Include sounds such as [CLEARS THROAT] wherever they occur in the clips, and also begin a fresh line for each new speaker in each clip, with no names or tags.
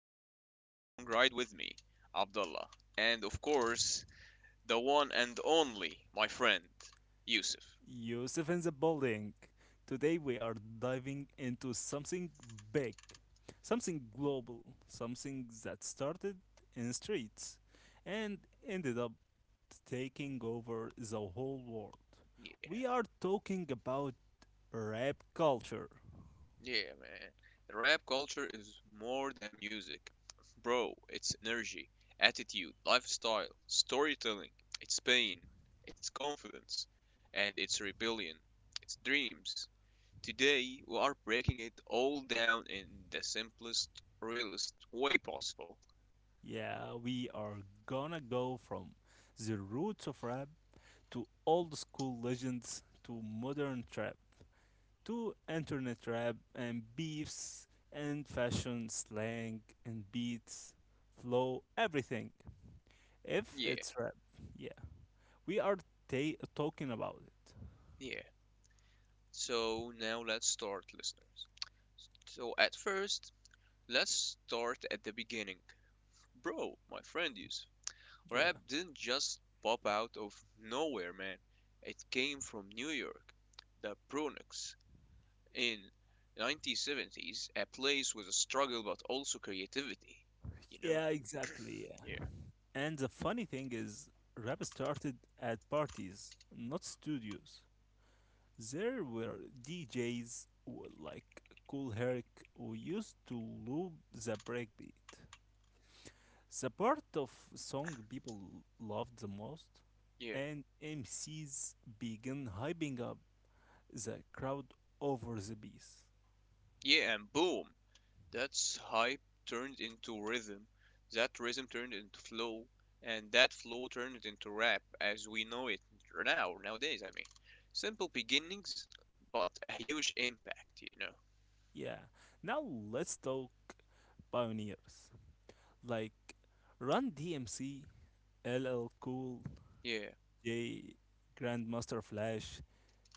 to another long ride with me, Abdullah. And of course, the one and only, my friend, Yusuf.
Yusuf in the building. Today we are diving into something big, something global, something that started in streets and ended up taking over the whole world.
Yeah,
We are talking about rap culture.
yeah, man. Rap culture is more than music. Bro, it's energy, attitude, lifestyle, storytelling, it's pain, it's confidence, and it's rebellion, it's dreams. Today, we are breaking it all down in the simplest, realest way possible.
Yeah, we are gonna go from the roots of rap to old school legends to modern trap, to internet rap and beefs and fashion, slang and beats, flow, everything. If
Yeah,
it's rap, yeah, we are talking about it.
yeah. So now let's start, listeners. So at first, let's start at the beginning. Bro, my friend Yusuf, rap
Yeah.
didn't just pop out of nowhere, man. It came from New York, the Bronx, in 1970s, a place with a struggle but also creativity. You
Yeah,
know?
exactly. Yeah.
Yeah,
And the funny thing is, rap started at parties, not studios. There were DJs who, like Cool Herc, who used to loop the breakbeat, the part of song people loved the most,
yeah,
and MCs began hyping up the crowd over the piece.
yeah, and boom, that's hype turned into rhythm, that rhythm turned into flow, and that flow turned into rap as we know it now, nowadays, I mean. Simple beginnings, but a huge impact,
Yeah, now let's talk pioneers like Run DMC, LL Cool
Yeah,
J, Grandmaster Flash.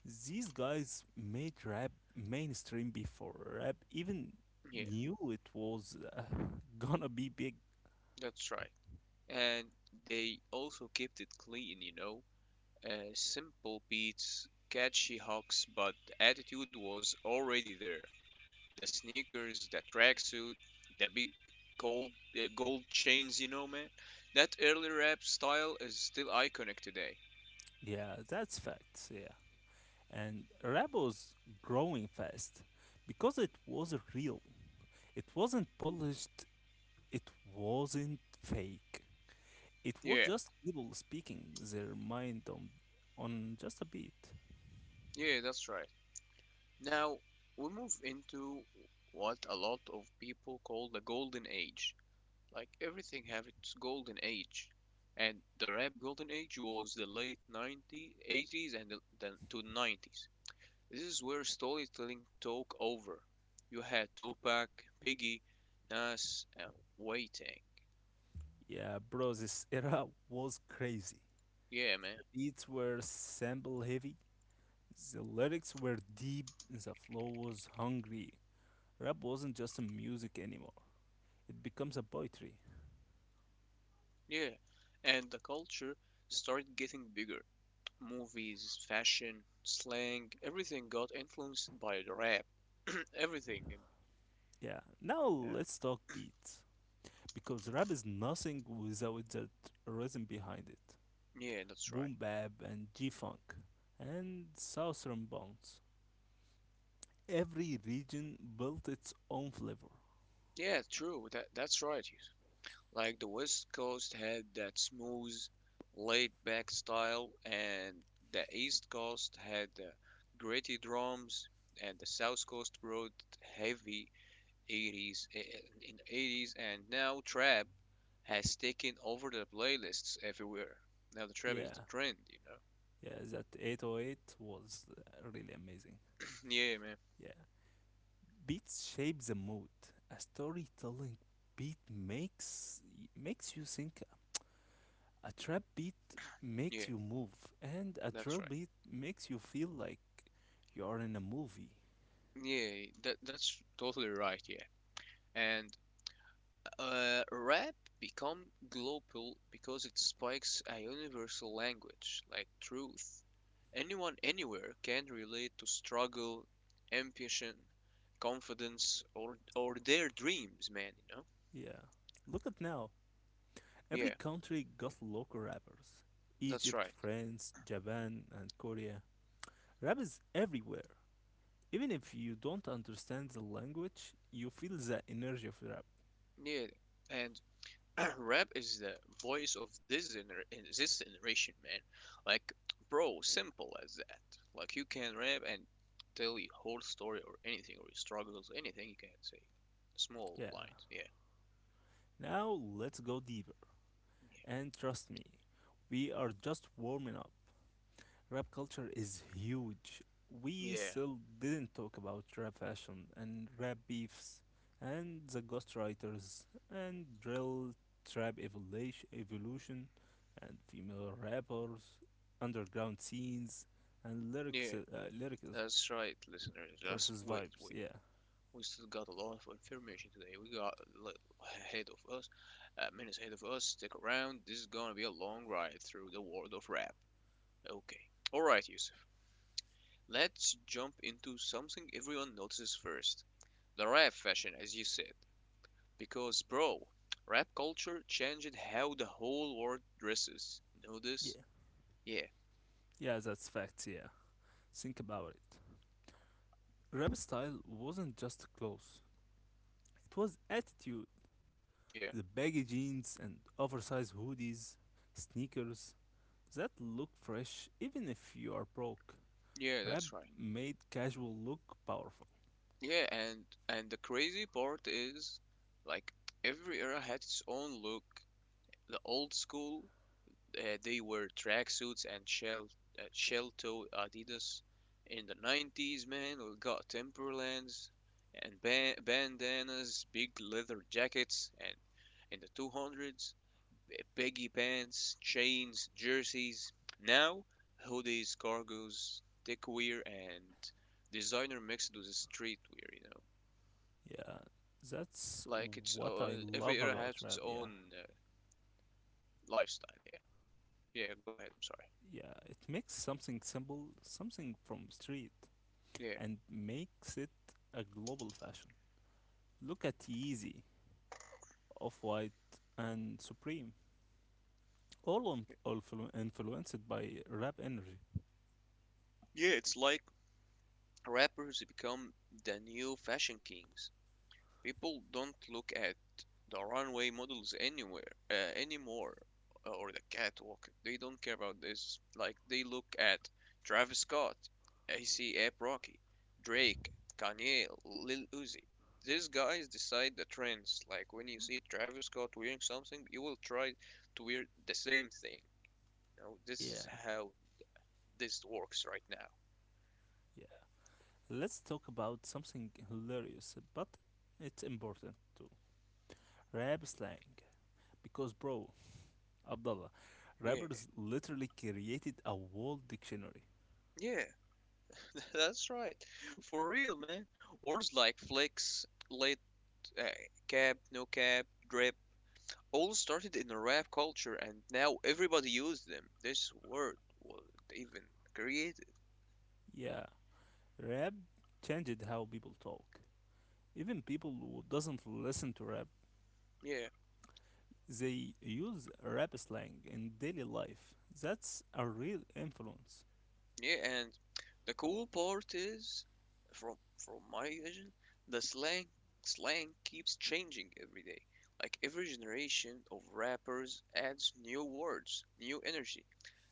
These guys made rap mainstream before rap even
yeah,
knew it was [LAUGHS] gonna be big.
that's right. And they also kept it clean, Simple beats, catchy hooks, but the attitude was already there. The sneakers, the tracksuit, the big gold gold chains, you know, man. That early rap style is still iconic today.
Yeah, that's facts. Yeah. And rap was growing fast because it was real. It wasn't polished, it wasn't fake. It was
Yeah,
just people speaking their mind on just a beat.
yeah, that's right. Now we move into what a lot of people call the golden age. Like everything have its golden age. And the rap golden age was the late 90s, 80s and to 90s. This is where storytelling took over. You had Tupac, Biggie, Nas, and Wu Tang.
Yeah, bro, this [LAUGHS] era was crazy.
Yeah, man.
The beats were sample heavy, the lyrics were deep, the flow was hungry. Rap wasn't just a music anymore, it becomes a poetry.
Yeah. And the culture started getting bigger. Movies, fashion, slang, everything got influenced by the rap. [CLEARS THROAT] Everything.
Yeah, now
Yeah.
let's talk beats, because rap is nothing without that rhythm behind it.
Yeah, that's right.
Boom bap and G funk and southern bounce. Every region built its own flavor.
Yeah, true. That's right. Like the West Coast had that smooth, laid back style, and the East Coast had the gritty drums, and the South Coast brought heavy 80s in 80s, and now trap has taken over the playlists everywhere. Now the trap is the
Yeah,
trend, you know.
yeah, that 808 was really amazing.
[LAUGHS] [CLEARS THROAT] Yeah, man.
Yeah, beats shape the mood. A storytelling beat makes you think. A trap beat makes
Yeah,
you move, and a
that's
drill
right.
beat makes you feel like you are in a movie.
Yeah, that's totally right. Yeah, and rap become global because it spikes a universal language like truth. Anyone anywhere can relate to struggle, ambition, confidence, or their dreams, man. You know?
Yeah. Look at now, every
Yeah,
country got local rappers:
that's
Egypt,
right.
France, Japan, and Korea. Rap is everywhere. Even if you don't understand the language, you feel the energy of rap.
Yeah, and [CLEARS THROAT] rap is the voice of this gener in this generation, man. Like, bro, simple as that. Like, you can rap and tell your whole story or anything or your struggles, anything you can say. Small
Yeah.
lines,
Now let's go deeper. And trust me, we are just warming up. Rap culture is huge. We
yeah, yeah,
still didn't talk about rap fashion and rap beefs and the ghostwriters and drill trap evolution and female rappers, underground scenes and lyrics
yeah.
lyricism
That's right, listeners. Just
versus
wait,
vibes.
wait.
Yeah.
We still got a lot of information today. We got a little ahead of us, minutes ahead of us. Stick around. This is gonna be a long ride through the world of rap. Okay. All right, you let's jump into something everyone notices first. The rap fashion, as you said. Because, bro, rap culture changed how the whole world dresses. Know this?
Yeah.
Yeah,
Yeah, that's facts, yeah. Think about it. Rap style wasn't just clothes. It was attitude.
yeah,
The baggy jeans and oversized hoodies, sneakers, that look fresh even if you are broke.
yeah,
Rap
that's right.
made casual look powerful.
Yeah, and the crazy part is, like, every era had its own look. The old school they were tracksuits and shell toe Adidas in the 90s, man. We got Timberlands and bandanas, big leather jackets, and in the 200s, baggy pants, chains, jerseys. Now, hoodies, cargos, techwear, and designer mixed with streetwear, you know.
Yeah, that's
Like it's
what I
every
love
era
about
has its
rap. Yeah,
own lifestyle. Yeah, yeah. Go ahead. I'm sorry.
yeah, it makes something simple, something from street,
Yeah.
and makes it a global fashion. Look at Yeezy, Off White, and Supreme, all on, all flu- influenced by rap energy.
Yeah, it's like rappers become the new fashion kings. People don't look at the runway models anywhere anymore or the catwalk. They don't care about this. Like they look at Travis Scott, A$AP Rocky, Drake, Kanye, Lil Uzi. These guys decide the trends. Like when you see Travis Scott wearing something, you will try to wear the same thing. You know, this is
Yeah,
how this works right now.
yeah. Let's talk about something hilarious, but it's important too. Rap slang. Because, bro, Abdullah,
Yeah,
rappers literally created a world dictionary.
yeah. [LAUGHS] That's right. For real, man. Words like flex, late, uh, cab, no cab, drip all started in the rap culture and now everybody uses them. This word was even created.
Yeah, rap changed how people talk. Even people who doesn't listen to rap,
Yeah.
they use rap slang in daily life. That's a real influence.
Yeah, and the cool part is, from my vision, the slang keeps changing every day. Like every generation of rappers adds new words, new energy.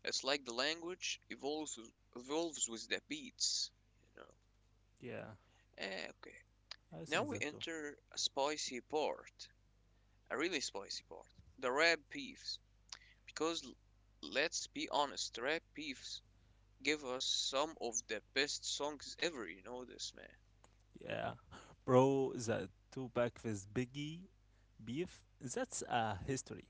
It's like the language evolves with the beats, you know.
Yeah,
Eh, okay.
I
Now
think
we
that too.
enter a spicy part, a really spicy part, the rap beefs. Because let's be honest, rap beefs give us some of the best songs ever, you know this, man.
Yeah, bro, the two pack with Biggie beef, that's a history.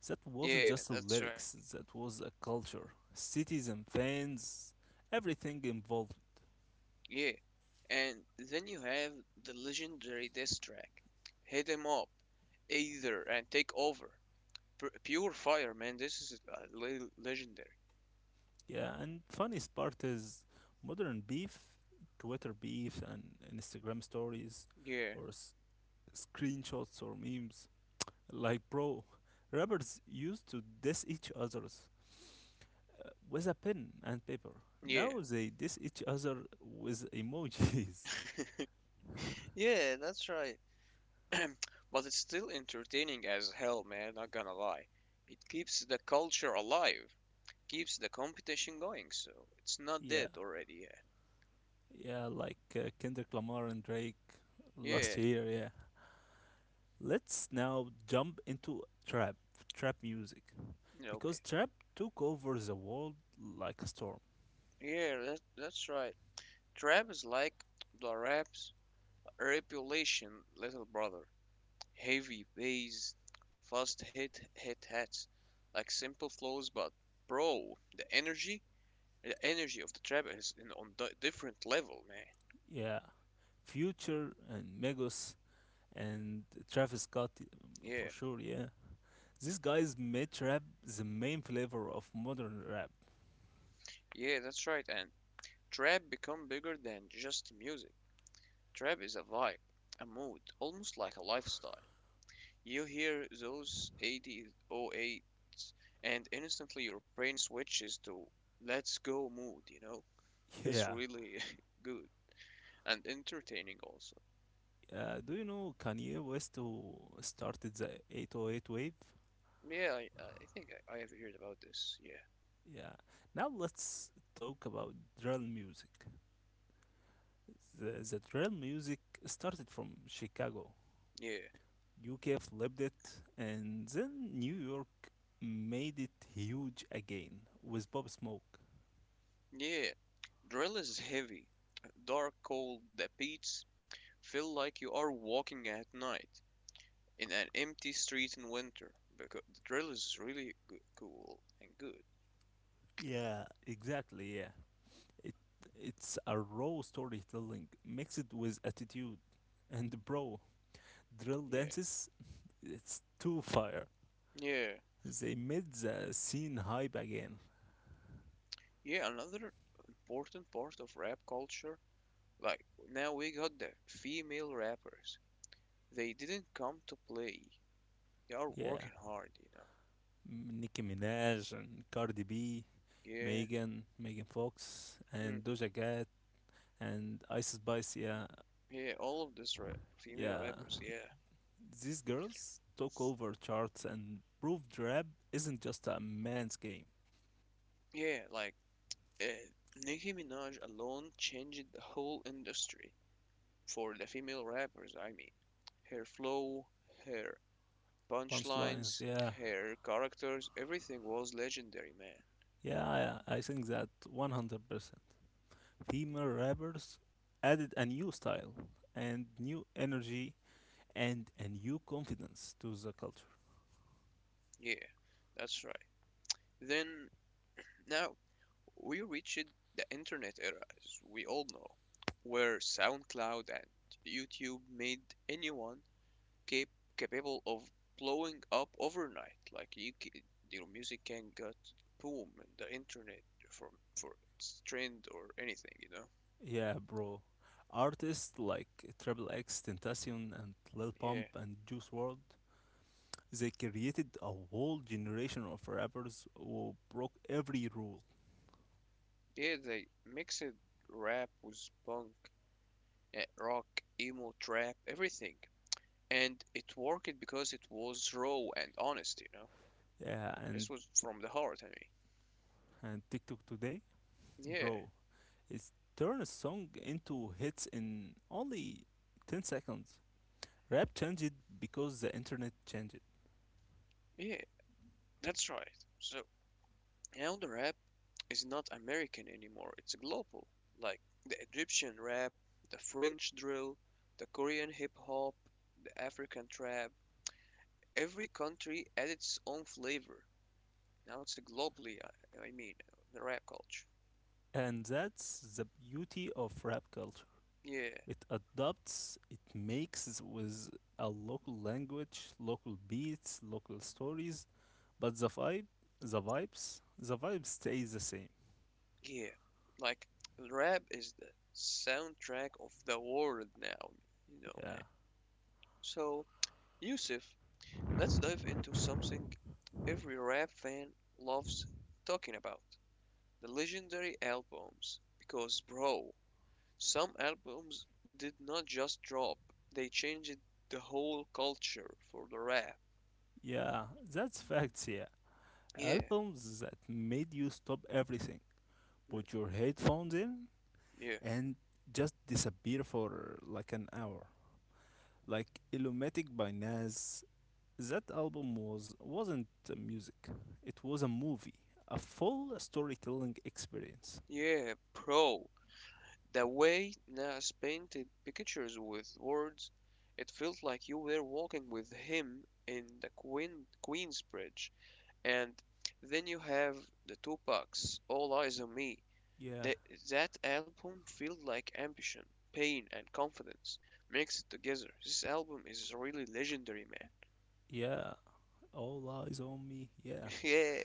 That wasn't
Yeah,
just the
that's right.
lyrics, that was a culture. Cities and fans, everything involved.
Yeah. And then you have the legendary diss track, Hit 'em Up, Either, and Take Over. Pure Fire, man, this is legendary.
Yeah, and funniest part is modern beef, Twitter beef, and Instagram stories,
Yeah,
or screenshots or memes. Like, bro, rappers used to diss each other's with a pen and paper.
yeah.
Now they diss each other with emojis.
[LAUGHS] Yeah, that's right. [CLEARS THROAT] But it's still entertaining as hell, man, not gonna lie. It keeps the culture alive, keeps the competition going, so it's not
[LAUGHS] Yeah,
dead already,
yeah, like Kendrick Lamar and Drake
yeah.
last
Yeah,
year. Yeah, let's now jump into trap, trap music, because
okay.
trap took over the world like a storm.
Yeah, that's right. Trap is like the rap's reputation, little brother. Heavy bass, fast hit hats, like simple flows, but bro, the energy of the trap is on a different level, man.
Yeah, Future and Megos and Travis Scott
Yeah,
for sure. Yeah, these guys made trap the main flavor of modern rap.
yeah, that's right. And trap become bigger than just music. Trap is a vibe, a mood, almost like a lifestyle. You hear those 8008s and instantly your brain switches to let's go mood, you know?
[LAUGHS]
That's
Yeah.
really [LAUGHS] good and entertaining also.
Do you know Kanye West who started the 808 wave?
Yeah, I think I have heard about this. Yeah.
Yeah. Now let's talk about drill music. The drill music started from Chicago,
Yeah.
UK flipped it, and then New York made it huge again with Bob Smoke.
Yeah. Drill is heavy, dark, cold, the beats feel like you are walking at night in an empty street in winter because the drill is really good, cool and good.
Yeah. Exactly, yeah. It it's a raw storytelling mixed with attitude. And bro, drill
Yeah.
dances, it's too fire.
Yeah.
They made the scene hype again.
Yeah, another important part of rap culture, like now we got the female rappers. They didn't come to play. They are
Yeah,
working hard, you know.
Nicki Minaj and Cardi B,
Yeah,
Megan Fox,
hmm,
and Doja Cat, and Ice Spice. Yeah,
yeah, all of this female
yeah,
rappers, yeah.
these girls took over charts and proved rap isn't just a man's game.
Yeah, like uh, Nicki Minaj alone changed the whole industry for the female rappers, I mean. Her flow, her
Punchlines,
punchlines,
yeah,
her characters, everything was legendary, man.
yeah, I think that 100%. Female rappers added a new style and new energy and a new confidence to the culture.
Yeah, that's right. Then Now, we reached the internet era, as we all know, where SoundCloud and YouTube made anyone cap- capable of blowing up overnight. Like your music can get boom in the internet from for its trend or anything, you know?
Yeah, bro. Artists like Triple X, Tentacion, and Lil Pump
Yeah,
and Juice World, they created a whole generation of rappers who broke every rule.
yeah. They mixed rap with punk, rock, emo, trap, everything, and it worked because it was raw and honest, you know.
Yeah, and
This was from the heart, I mean.
TikTok today,
Yeah,
bro, it's turn a song into hits in only 10 seconds. Rap changed because the internet changed.
yeah, that's right. So now the rap is not American anymore, it's global. Like the Egyptian rap, the French drill, the Korean hip hop, the African trap. Every country adds its own flavor. Now it's a globally, I mean, the rap culture.
And that's the beauty of rap culture.
Yeah,
It adopts, it makes with a local language, local beats, local stories, but the vibe stays the same.
yeah. Like rap is the soundtrack of the world now, you know,
Yeah.
man. So, Yusuf, let's dive into something every rap fan loves talking about the legendary albums. Because, bro, some albums did not just drop, they changed the whole culture for the rap.
Yeah, that's facts, yeah.
Yeah,
Albums that made you stop everything,
mm,
put your headphones in,
yeah,
and just disappear for like an hour. Like Illumatic by Nas, that album wasn't music. It was a movie, a full storytelling experience.
yeah, bro. The way Nas painted pictures with words, it felt like you were walking with him in the Queensbridge. And then you have the Tupacs, All Eyes on Me.
Yeah,
The, that album felt like ambition, pain, and confidence mixed together. This album is really legendary, man.
yeah, all eyes on me. Yeah,
[LAUGHS] Yeah,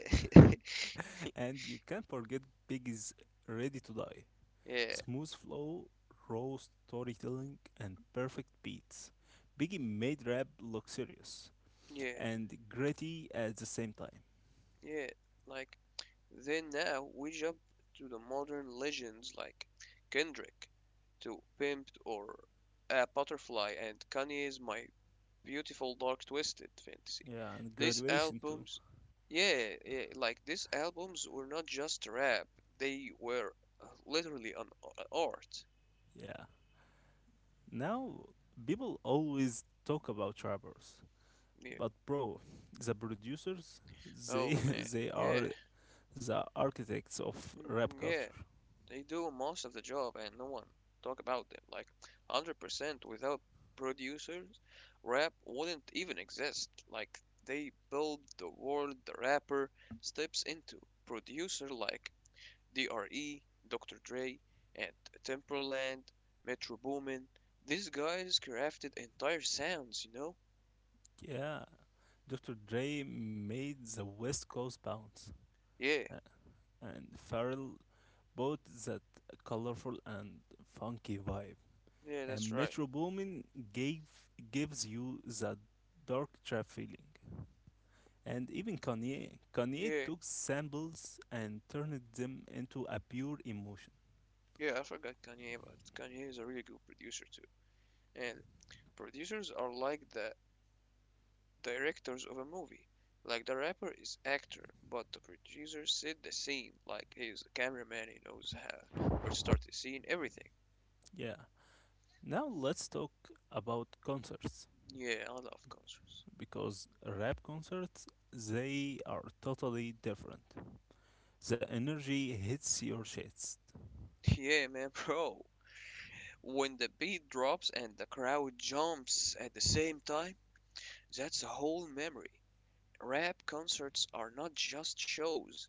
[LAUGHS] and you can't forget Biggie's Ready to Die.
[LAUGHS] yeah,
Smooth flow, raw storytelling, and perfect beats. Biggie made rap look serious
yeah,
and gritty at the same time.
yeah, Like, then now we jump to the modern legends like Kendrick to Pimped or A Butterfly and Kanye's My Beautiful Dark Twisted Fantasy.
Yeah, and
These
graduation too.
albums, yeah, like these albums were not just rap; they were literally art.
Yeah. Now, people always talk about rappers,
Yeah.
but bro, the producers, they
Oh man.
[LAUGHS] they
Yeah.
are the architects of
Mm,
rap
yeah.
culture.
They do most of the job, and no one talk about them. Like, 100%. Without producers, rap wouldn't even exist. Like, they build the world the rapper steps into. Producer like Dre, Dr. Dre, and Timberland, Metro Boomin. These guys crafted entire sounds, you know?
Yeah. Dr. Dre made the West Coast bounce,
Yeah,
a- and Pharrell brought that colorful and funky vibe,
yeah, that's
and
right.
Metro Boomin gave gives you that dark trap feeling. And even Kanye
Yeah,
took samples and turned them into a pure emotion.
yeah, I forgot Kanye, but Kanye is a really good producer too. And producers are like the directors of a movie. Like the rapper is actor, but the producer set the scene. Like he is the cameraman, he knows how or start the scene, everything.
Yeah. Now let's talk about concerts
Yeah, I love concerts.
because rap concerts, they are totally different. The energy hits your shades.
[LAUGHS] Yeah, man, bro. When the beat drops and the crowd jumps at the same time, that's a whole memory. Rap concerts are not just shows.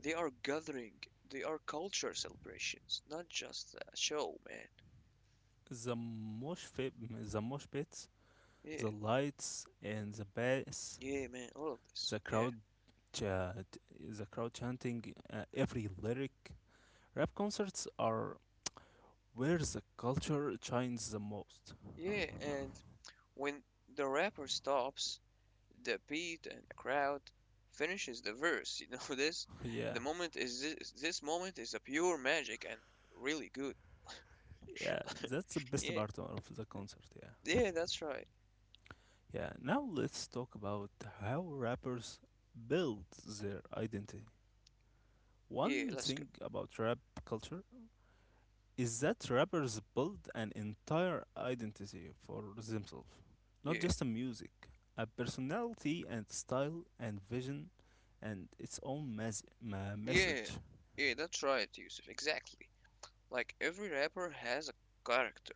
They are gathering. They are culture celebrations, not just a show, man.
The mosh fi- the mosh pits,
Yeah,
the lights and the bass,
yeah, man, all of this.
the
Yeah,
crowd chat, the crowd chanting every lyric. Rap concerts are where the culture shines the most.
yeah, and when the rapper stops, the beat and the crowd finishes the verse. [LAUGHS] You know this? The
Yeah,
moment is this moment is a pure magic and really good.
yeah,
[LAUGHS]
that's the best
Yeah,
part of the concert. Yeah,
yeah, that's right.
yeah. Now let's talk about how rappers build their identity.
Yeah,
One
let's go.
thing about rap culture is that rappers build an entire identity for themselves, not
Yeah,
just a music, a personality and style and vision and its own
yeah,
message.
yeah, that's right, Yusuf. Exactly. Like every rapper has a character.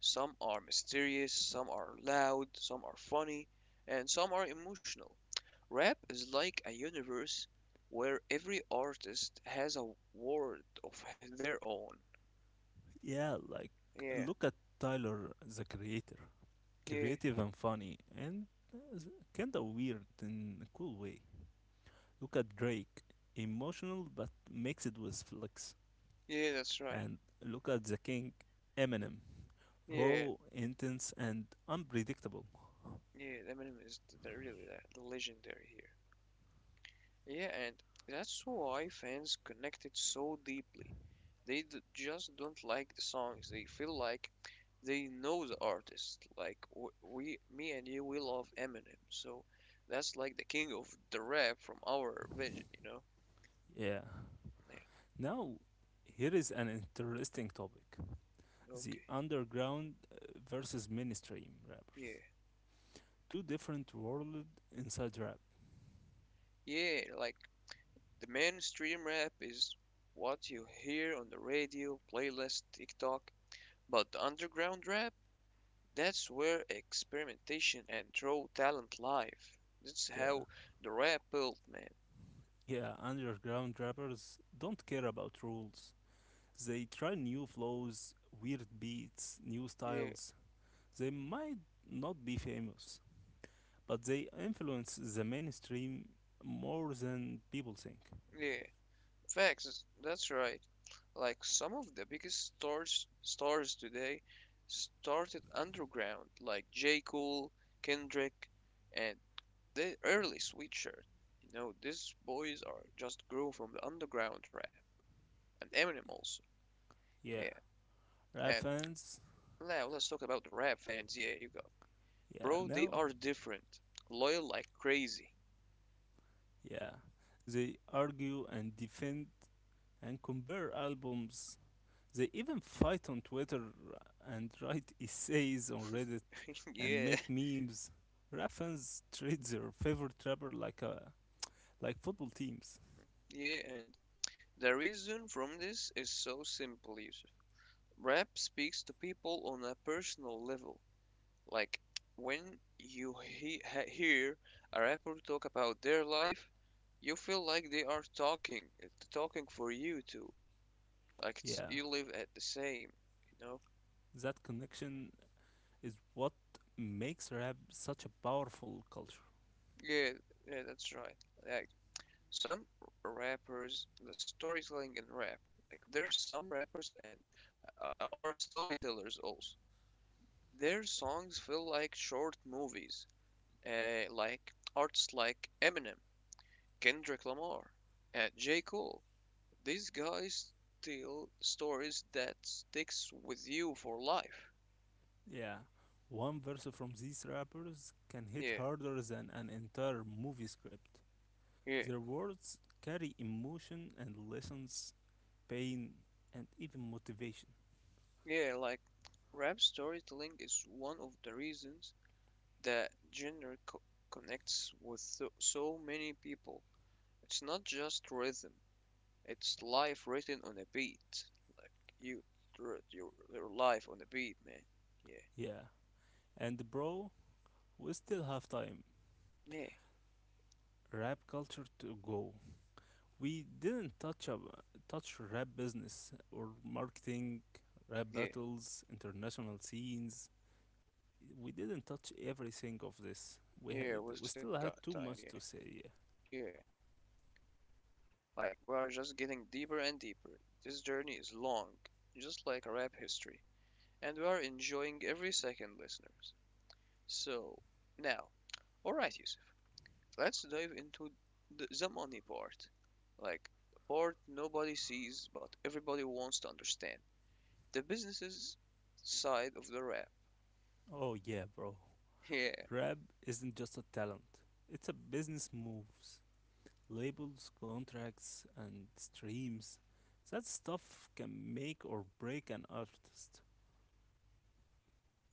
Some are mysterious, some are loud, some are funny, and some are emotional. Rap is like a universe where every artist has a world of their own.
Yeah, like
Yeah,
look at Tyler the creator,
yeah,
creative and funny and uh, kinda weird in a cool way. Look at Drake, emotional but mixed with flex.
yeah, that's right.
And look at the king, Eminem,
Yeah,
raw, intense, and unpredictable.
yeah, Eminem is really that legendary here. Yeah, and that's why fans connected so deeply. They just don't like the songs. They feel like they know the artist. Like me and you, we love Eminem. So that's like the king of the rap from our region, you know?
Yeah.
Yeah.
Now, here is an interesting topic: the
Okay.
underground versus mainstream
Yeah.
rappers. Two different worlds inside rap.
Yeah, like the mainstream rap is what you hear on the radio, playlist, TikTok, but the underground rap, that's where experimentation and raw talent live. That's
Yeah.
how the rap built, man.
Yeah, underground rappers don't care about rules. They try new flows, weird beats, new
Yeah,
styles. They might not be famous, but they influence the mainstream more than people think.
yeah. Facts, that's right. Like some of the biggest stars today started underground, like J. Cole, Kendrick, and the early Sweatshirt. You know, these boys are just grew from the underground rap, and Eminem also.
Yeah,
Yeah,
rap
and
fans,
now let's talk about the rap fans. Yeah, you go.
yeah,
Bro, they
no,
are different, loyal like crazy.
yeah. They argue and defend and compare albums. They even fight on Twitter and write essays on Reddit and
Yeah,
make memes. Rap fans treat their favorite rapper like a like football teams.
[LAUGHS] yeah, and the reason from this is so simple, Yusuf. Rap speaks to people on a personal level. Like when you he ha hear a rapper talk about their life, you feel like they are talking, it's talking for you too. Like it's,
Yeah,
you live at the same, you know?
that connection is what makes rap such a powerful culture.
Yeah, yeah, that's right. Like some rappers, the storytelling in rap, like there's some rappers and are storytellers also. Their songs feel like short movies, like artists like Eminem, Kendrick Lamar, and J. Cole. These guys tell stories that sticks with you for life.
Yeah, one verse from these rappers can hit
Yeah,
harder than an entire movie script.
yeah,
Their words carry emotion and lessons, pain, and even motivation.
yeah. Like rap storytelling is one of the reasons that genre connects with so many people. It's not just rhythm. It's life written on a beat. Like you wrote your life on a beat, man. Yeah,
Yeah, and bro, we still have time.
yeah,
Rap culture to go. We didn't touch rap business or marketing, rap
yeah,
battles, international scenes, we didn't touch everything of this. We had,
yeah.
we
What's in
still had
God
too
time?
much
Yeah,
to say. Yeah.
yeah. Like we are just getting deeper and deeper. This journey is long, just like rap history, and we are enjoying every second, listeners. So now, all right, Yusuf. Let's dive into the money part. Like the part nobody sees, but everybody wants to understand. The businesses side of the rap.
Oh yeah, bro.
Yeah,
Rap isn't just a talent. It's a business moves, labels, contracts, and streams. That stuff can make or break an artist.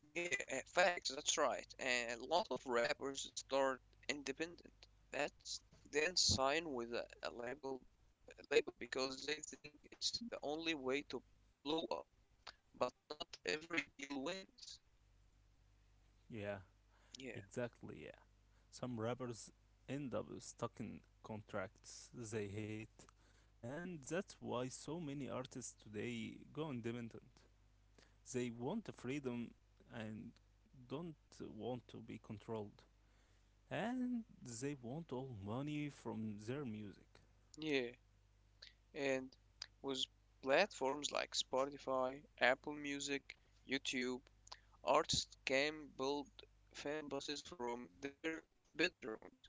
yeah, facts, that's right. And a lot of rappers start independent. That's then sign with a label because they think it's the only way to blow up. But not every deal wins.
Yeah,
Yeah,
exactly. Yeah. Some rappers end up stuck in contracts they hate, and that's why so many artists today go independent. They want freedom and don't want to be controlled. And they want all money from their music.
yeah. And with platforms like Spotify, Apple Music, YouTube, artists can build fan bases from their bedrooms.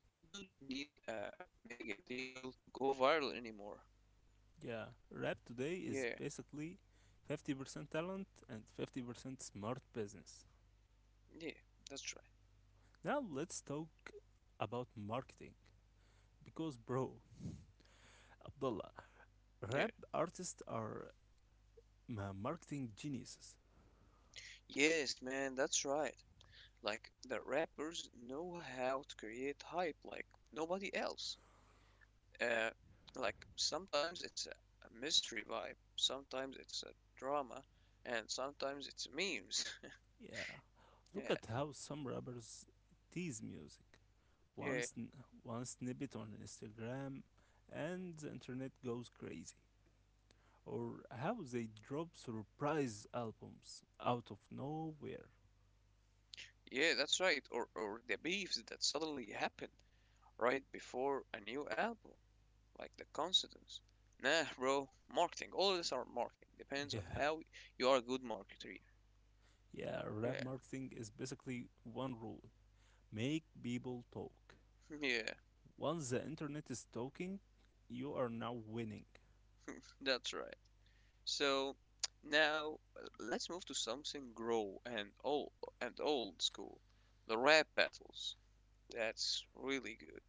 You don't need a mega deal to go viral anymore.
Yeah, rap today is
Yeah,
basically 50% talent and 50% smart business.
yeah, that's
Now let's talk about marketing. Because, bro, Abdullah,
right. Yeah.
rap artists are marketing geniuses.
Yes, man, that's right. Like, the rappers know how to create hype like nobody else. Uh, like, sometimes it's a mystery vibe, sometimes it's a drama, and sometimes it's memes. [LAUGHS]
Yeah, look
Yeah,
at how some rappers tease music.
yeah,
one, sn- One snippet on Instagram, and the internet goes crazy. Or how they drop surprise albums out of nowhere.
yeah, that's right. Or the beefs that suddenly happen right before a new album, like the coincidence. Nah, bro. Marketing. All of this are marketing. Depends on
Yeah,
how you are a good marketer.
yeah,
Yeah,
rap marketing is basically one rule: make people talk.
[LAUGHS] yeah,
Once the internet is talking, you are now winning.
that's right. So now let's move to something grow and old school. The rap battles. That's really good.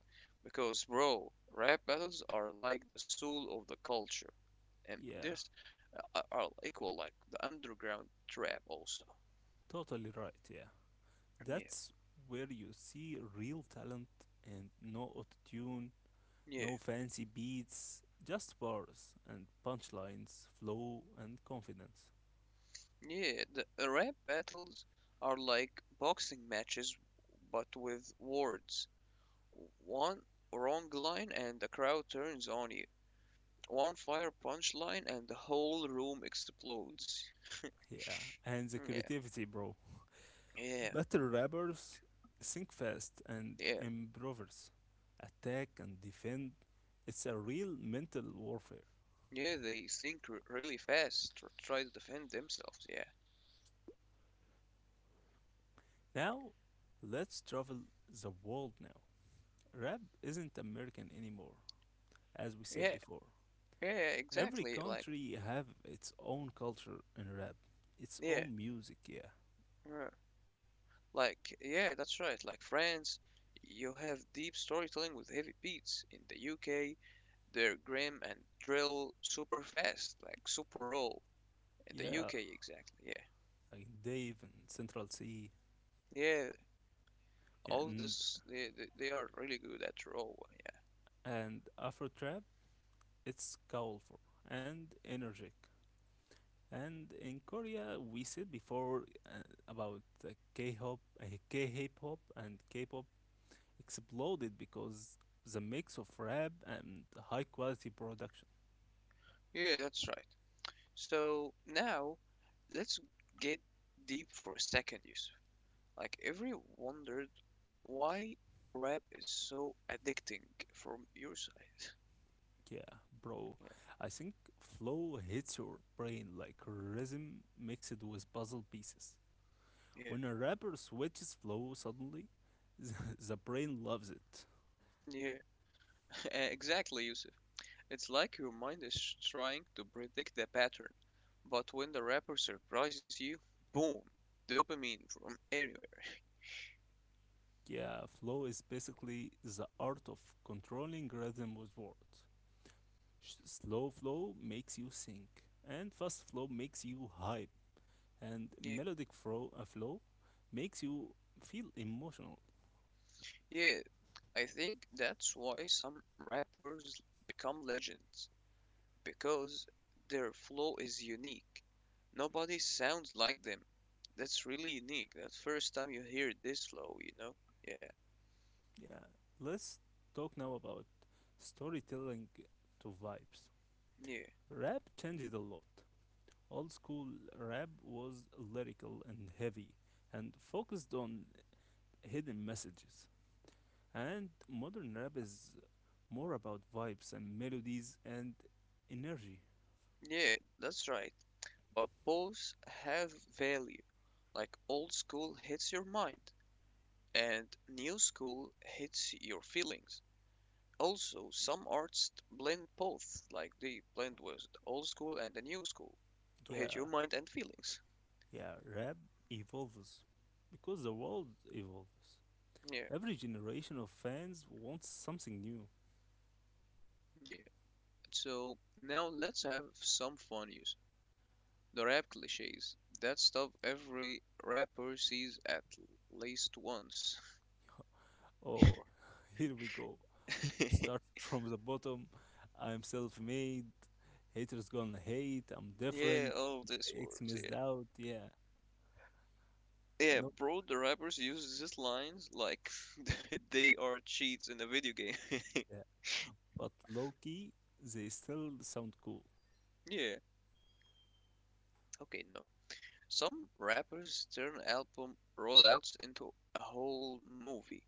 Because bro, rap battles are like the soul of the culture. And
Yeah,
there's are equal like the underground trap also.
totally right, yeah.
Yeah,
That's where you see real talent and no autotune,
yeah.
no fancy beats, just bars and punchlines, flow and confidence.
Yeah, the rap battles are like boxing matches but with words. One wrong line and the crowd turns on you. One fire punchline and the whole room explodes.
Yeah, and the
Yeah,
creativity, bro.
yeah,
Better rappers think fast and
yeah,
improvers, attack and defend. It's a real mental warfare.
yeah. They think really fast or try to defend themselves. Yeah,
Now, let's travel the world now. Rap isn't American anymore, as we said
yeah,
before.
yeah.
Every
Exactly. Like
country have its own culture in rap, its
yeah,
own music, yeah.
yeah. Like yeah. That's right. Like France, you have deep storytelling with heavy beats. In the UK, they're grim and drill super fast, like super raw in the
Yeah,
UK exactly. Yeah,
like Dave and Central C
yeah. All of
and
this, they are really good at raw.
Afro Trap. It's colorful and energetic. And in Korea, we said before about K-hop, K-hip-hop, and K-pop exploded because the mix of rap and high quality production.
Yeah, yeah, that's right. So now, let's get deep for a second, Yusuf. Like every wondered why rap is so addicting from your side. [LAUGHS]
Yeah, bro. I think flow hits your brain like rhythm mixed with puzzle pieces.
Yeah,
When a rapper switches flow suddenly, [LAUGHS] the brain loves it.
yeah, yeah. [LAUGHS] Exactly, Yusuf. It's like your mind is trying to predict the pattern, but when the rapper surprises you, boom, dopamine from anywhere.
Yeah, flow is basically the art of controlling rhythm with words. Slow flow makes you think, and fast flow makes you hype, and
Yeah,
melodic flow makes you feel emotional.
yeah, I think that's why some rappers become legends, because their flow is unique. Nobody sounds like them. That's really unique. That first time you hear this flow, you know? Yeah,
Yeah, let's talk now about storytelling to vibes.
yeah,
Rap changed a lot. Old school rap was lyrical and heavy and focused on hidden messages. And modern rap is more about vibes and melodies and energy.
yeah, that's right. But both have value. Like old school hits your mind and new school hits your feelings. Also, some artists blend both, like they blend with the old school and the new school to hit your
Yeah,
mind and feelings.
yeah, rap evolves because the world evolves.
Yeah,
Every generation of fans wants something new.
yeah. So now let's have some fun use. The rap cliches. That stuff every rapper sees at least once.
Oh, [LAUGHS] here we go. Start
[LAUGHS]
from the bottom. I'm self made. Haters gonna hate. I'm
Yeah,
different.
all these
X
words, yeah.
missed out. Yeah.
Yeah,
No,
bro, the rappers use these lines like [LAUGHS] they are cheats in a video game. [LAUGHS]
yeah, but low key, they still sound cool.
Yeah. Okay, no, some rappers turn album rollouts into a whole movie,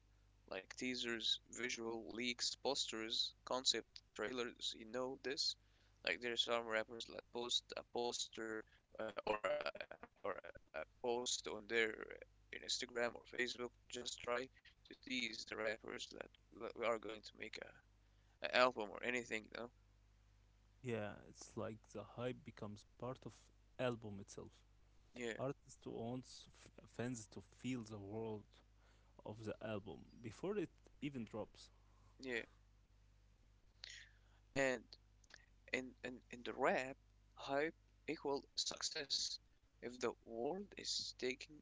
like teasers, visual leaks, posters, concept trailers. You know this? Like there are some rappers that post a poster or or a post on their Instagram or Facebook. Just try to tease the rappers that we are going to make a album or anything. No,
Yeah, it's like the hype becomes part of album itself.
yeah,
Artist wants fans to feel the world of the album before it even drops.
yeah. And in the rap, hype equal success. If the world is taking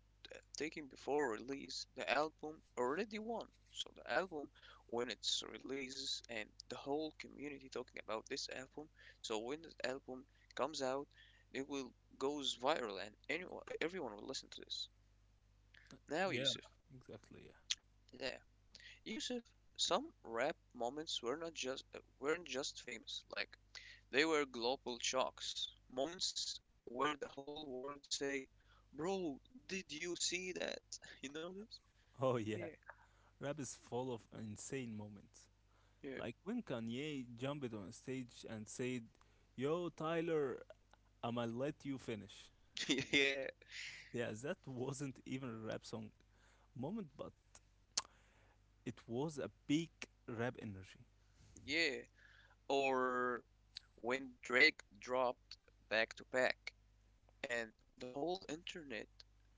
taking before release, the album already won. So the album, when it's releases and the whole community talking about this album, so when the album comes out, it will goes viral and anyone, everyone will listen to this. Now
Yeah,
Yusuf,
exactly. Yeah.
yeah, Yusuf, some rap moments were not just weren't just famous. Like they were global shocks, moments where the whole world say, "Bro, did you see that? [LAUGHS] You know this?"
Oh
Yeah,
yeah, rap is full of insane moments.
yeah,
Like when Kanye jumped on stage and said, "Yo, Tyler, I'ma let you finish."
[LAUGHS] yeah,
Yeah, that wasn't even a rap song moment, but it was a peak rap energy.
yeah. Or when Drake dropped Back to Back, and the whole internet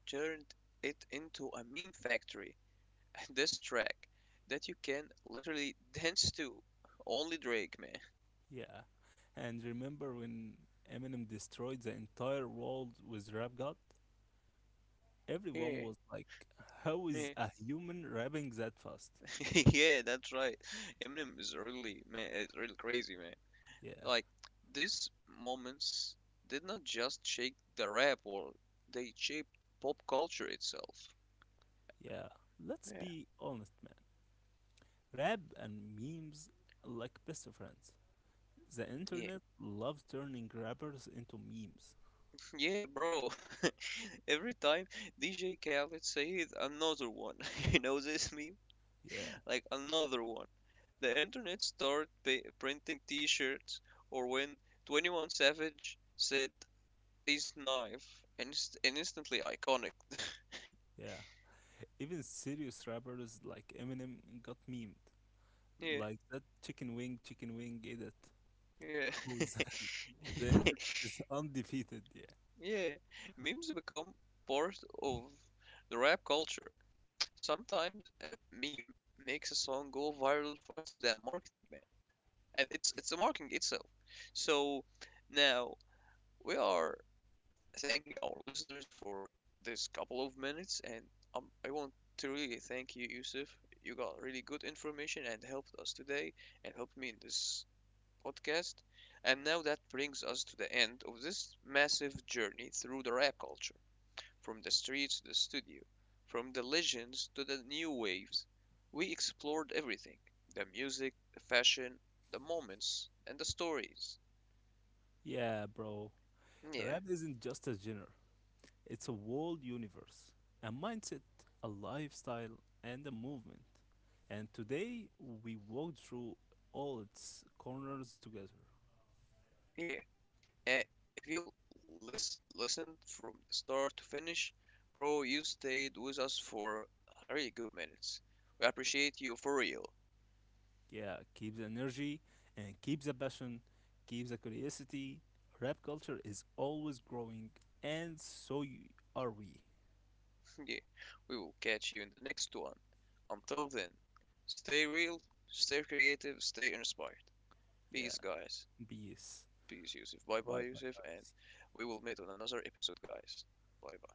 turned it into a meme factory. [LAUGHS] This track that you can literally [LAUGHS] dance to, only Drake, man.
Yeah. And remember when Eminem destroyed the entire world with Rap God? Everyone
Yeah.
was like, how is
Yeah,
a human rapping that fast?
[LAUGHS] yeah, that's right. Eminem is really man, it's really crazy, man.
Yeah.
Like these moments did not just shake the rap world, they shaped pop culture itself.
Yeah. Let's
Yeah.
be honest, man. Rap and memes are like best friends. The
Yeah,
internet loves turning rappers into memes.
yeah, bro. [LAUGHS] Every time DJ Khaled says another one, [LAUGHS] you know this meme?
Yeah.
Like another one. The internet started pa printing T-shirts, or when 21 Savage said his knife, and instantly iconic.
Yeah. Even serious rappers like Eminem got memed.
Yeah,
Like that chicken wing edit.
yeah.
Oh, [LAUGHS] the internet
[LAUGHS]
is [LAUGHS] undefeated. Yeah.
Yeah, memes become part of the rap culture. Sometimes a meme makes a song go viral faster than marketing, man. And it's
Yeah,
it's the marketing itself. So now we are thanking our listeners for this couple of minutes, and I want to really thank you, Yusuf. You got really good information and helped us today, and helped me in this podcast. And now that brings us to the end of this massive journey through the rap culture. From the streets to the studio, from the legends to the new waves, we explored everything, the music, the fashion, the moments, and the stories.
yeah, bro.
Yeah,
Rap isn't just a genre, it's a world, universe, a mindset, a lifestyle, and a movement. And today we walked through all its corners together.
yeah. Uh, if you listened from the start to finish, bro, you stayed with us for really good minutes. We appreciate you for real.
Yeah, keep the energy and keep the passion, keep the curiosity. Rap culture is always growing, and so are we.
[LAUGHS] Yeah, we will catch you in the next one. Until then, stay real, stay creative, stay inspired. Peace,
Yeah,
guys.
peace.
Peace, Yusuf. Bye bye,
Bye bye,
Yusuf. And
guys.
we will meet on another episode, guys. Bye bye.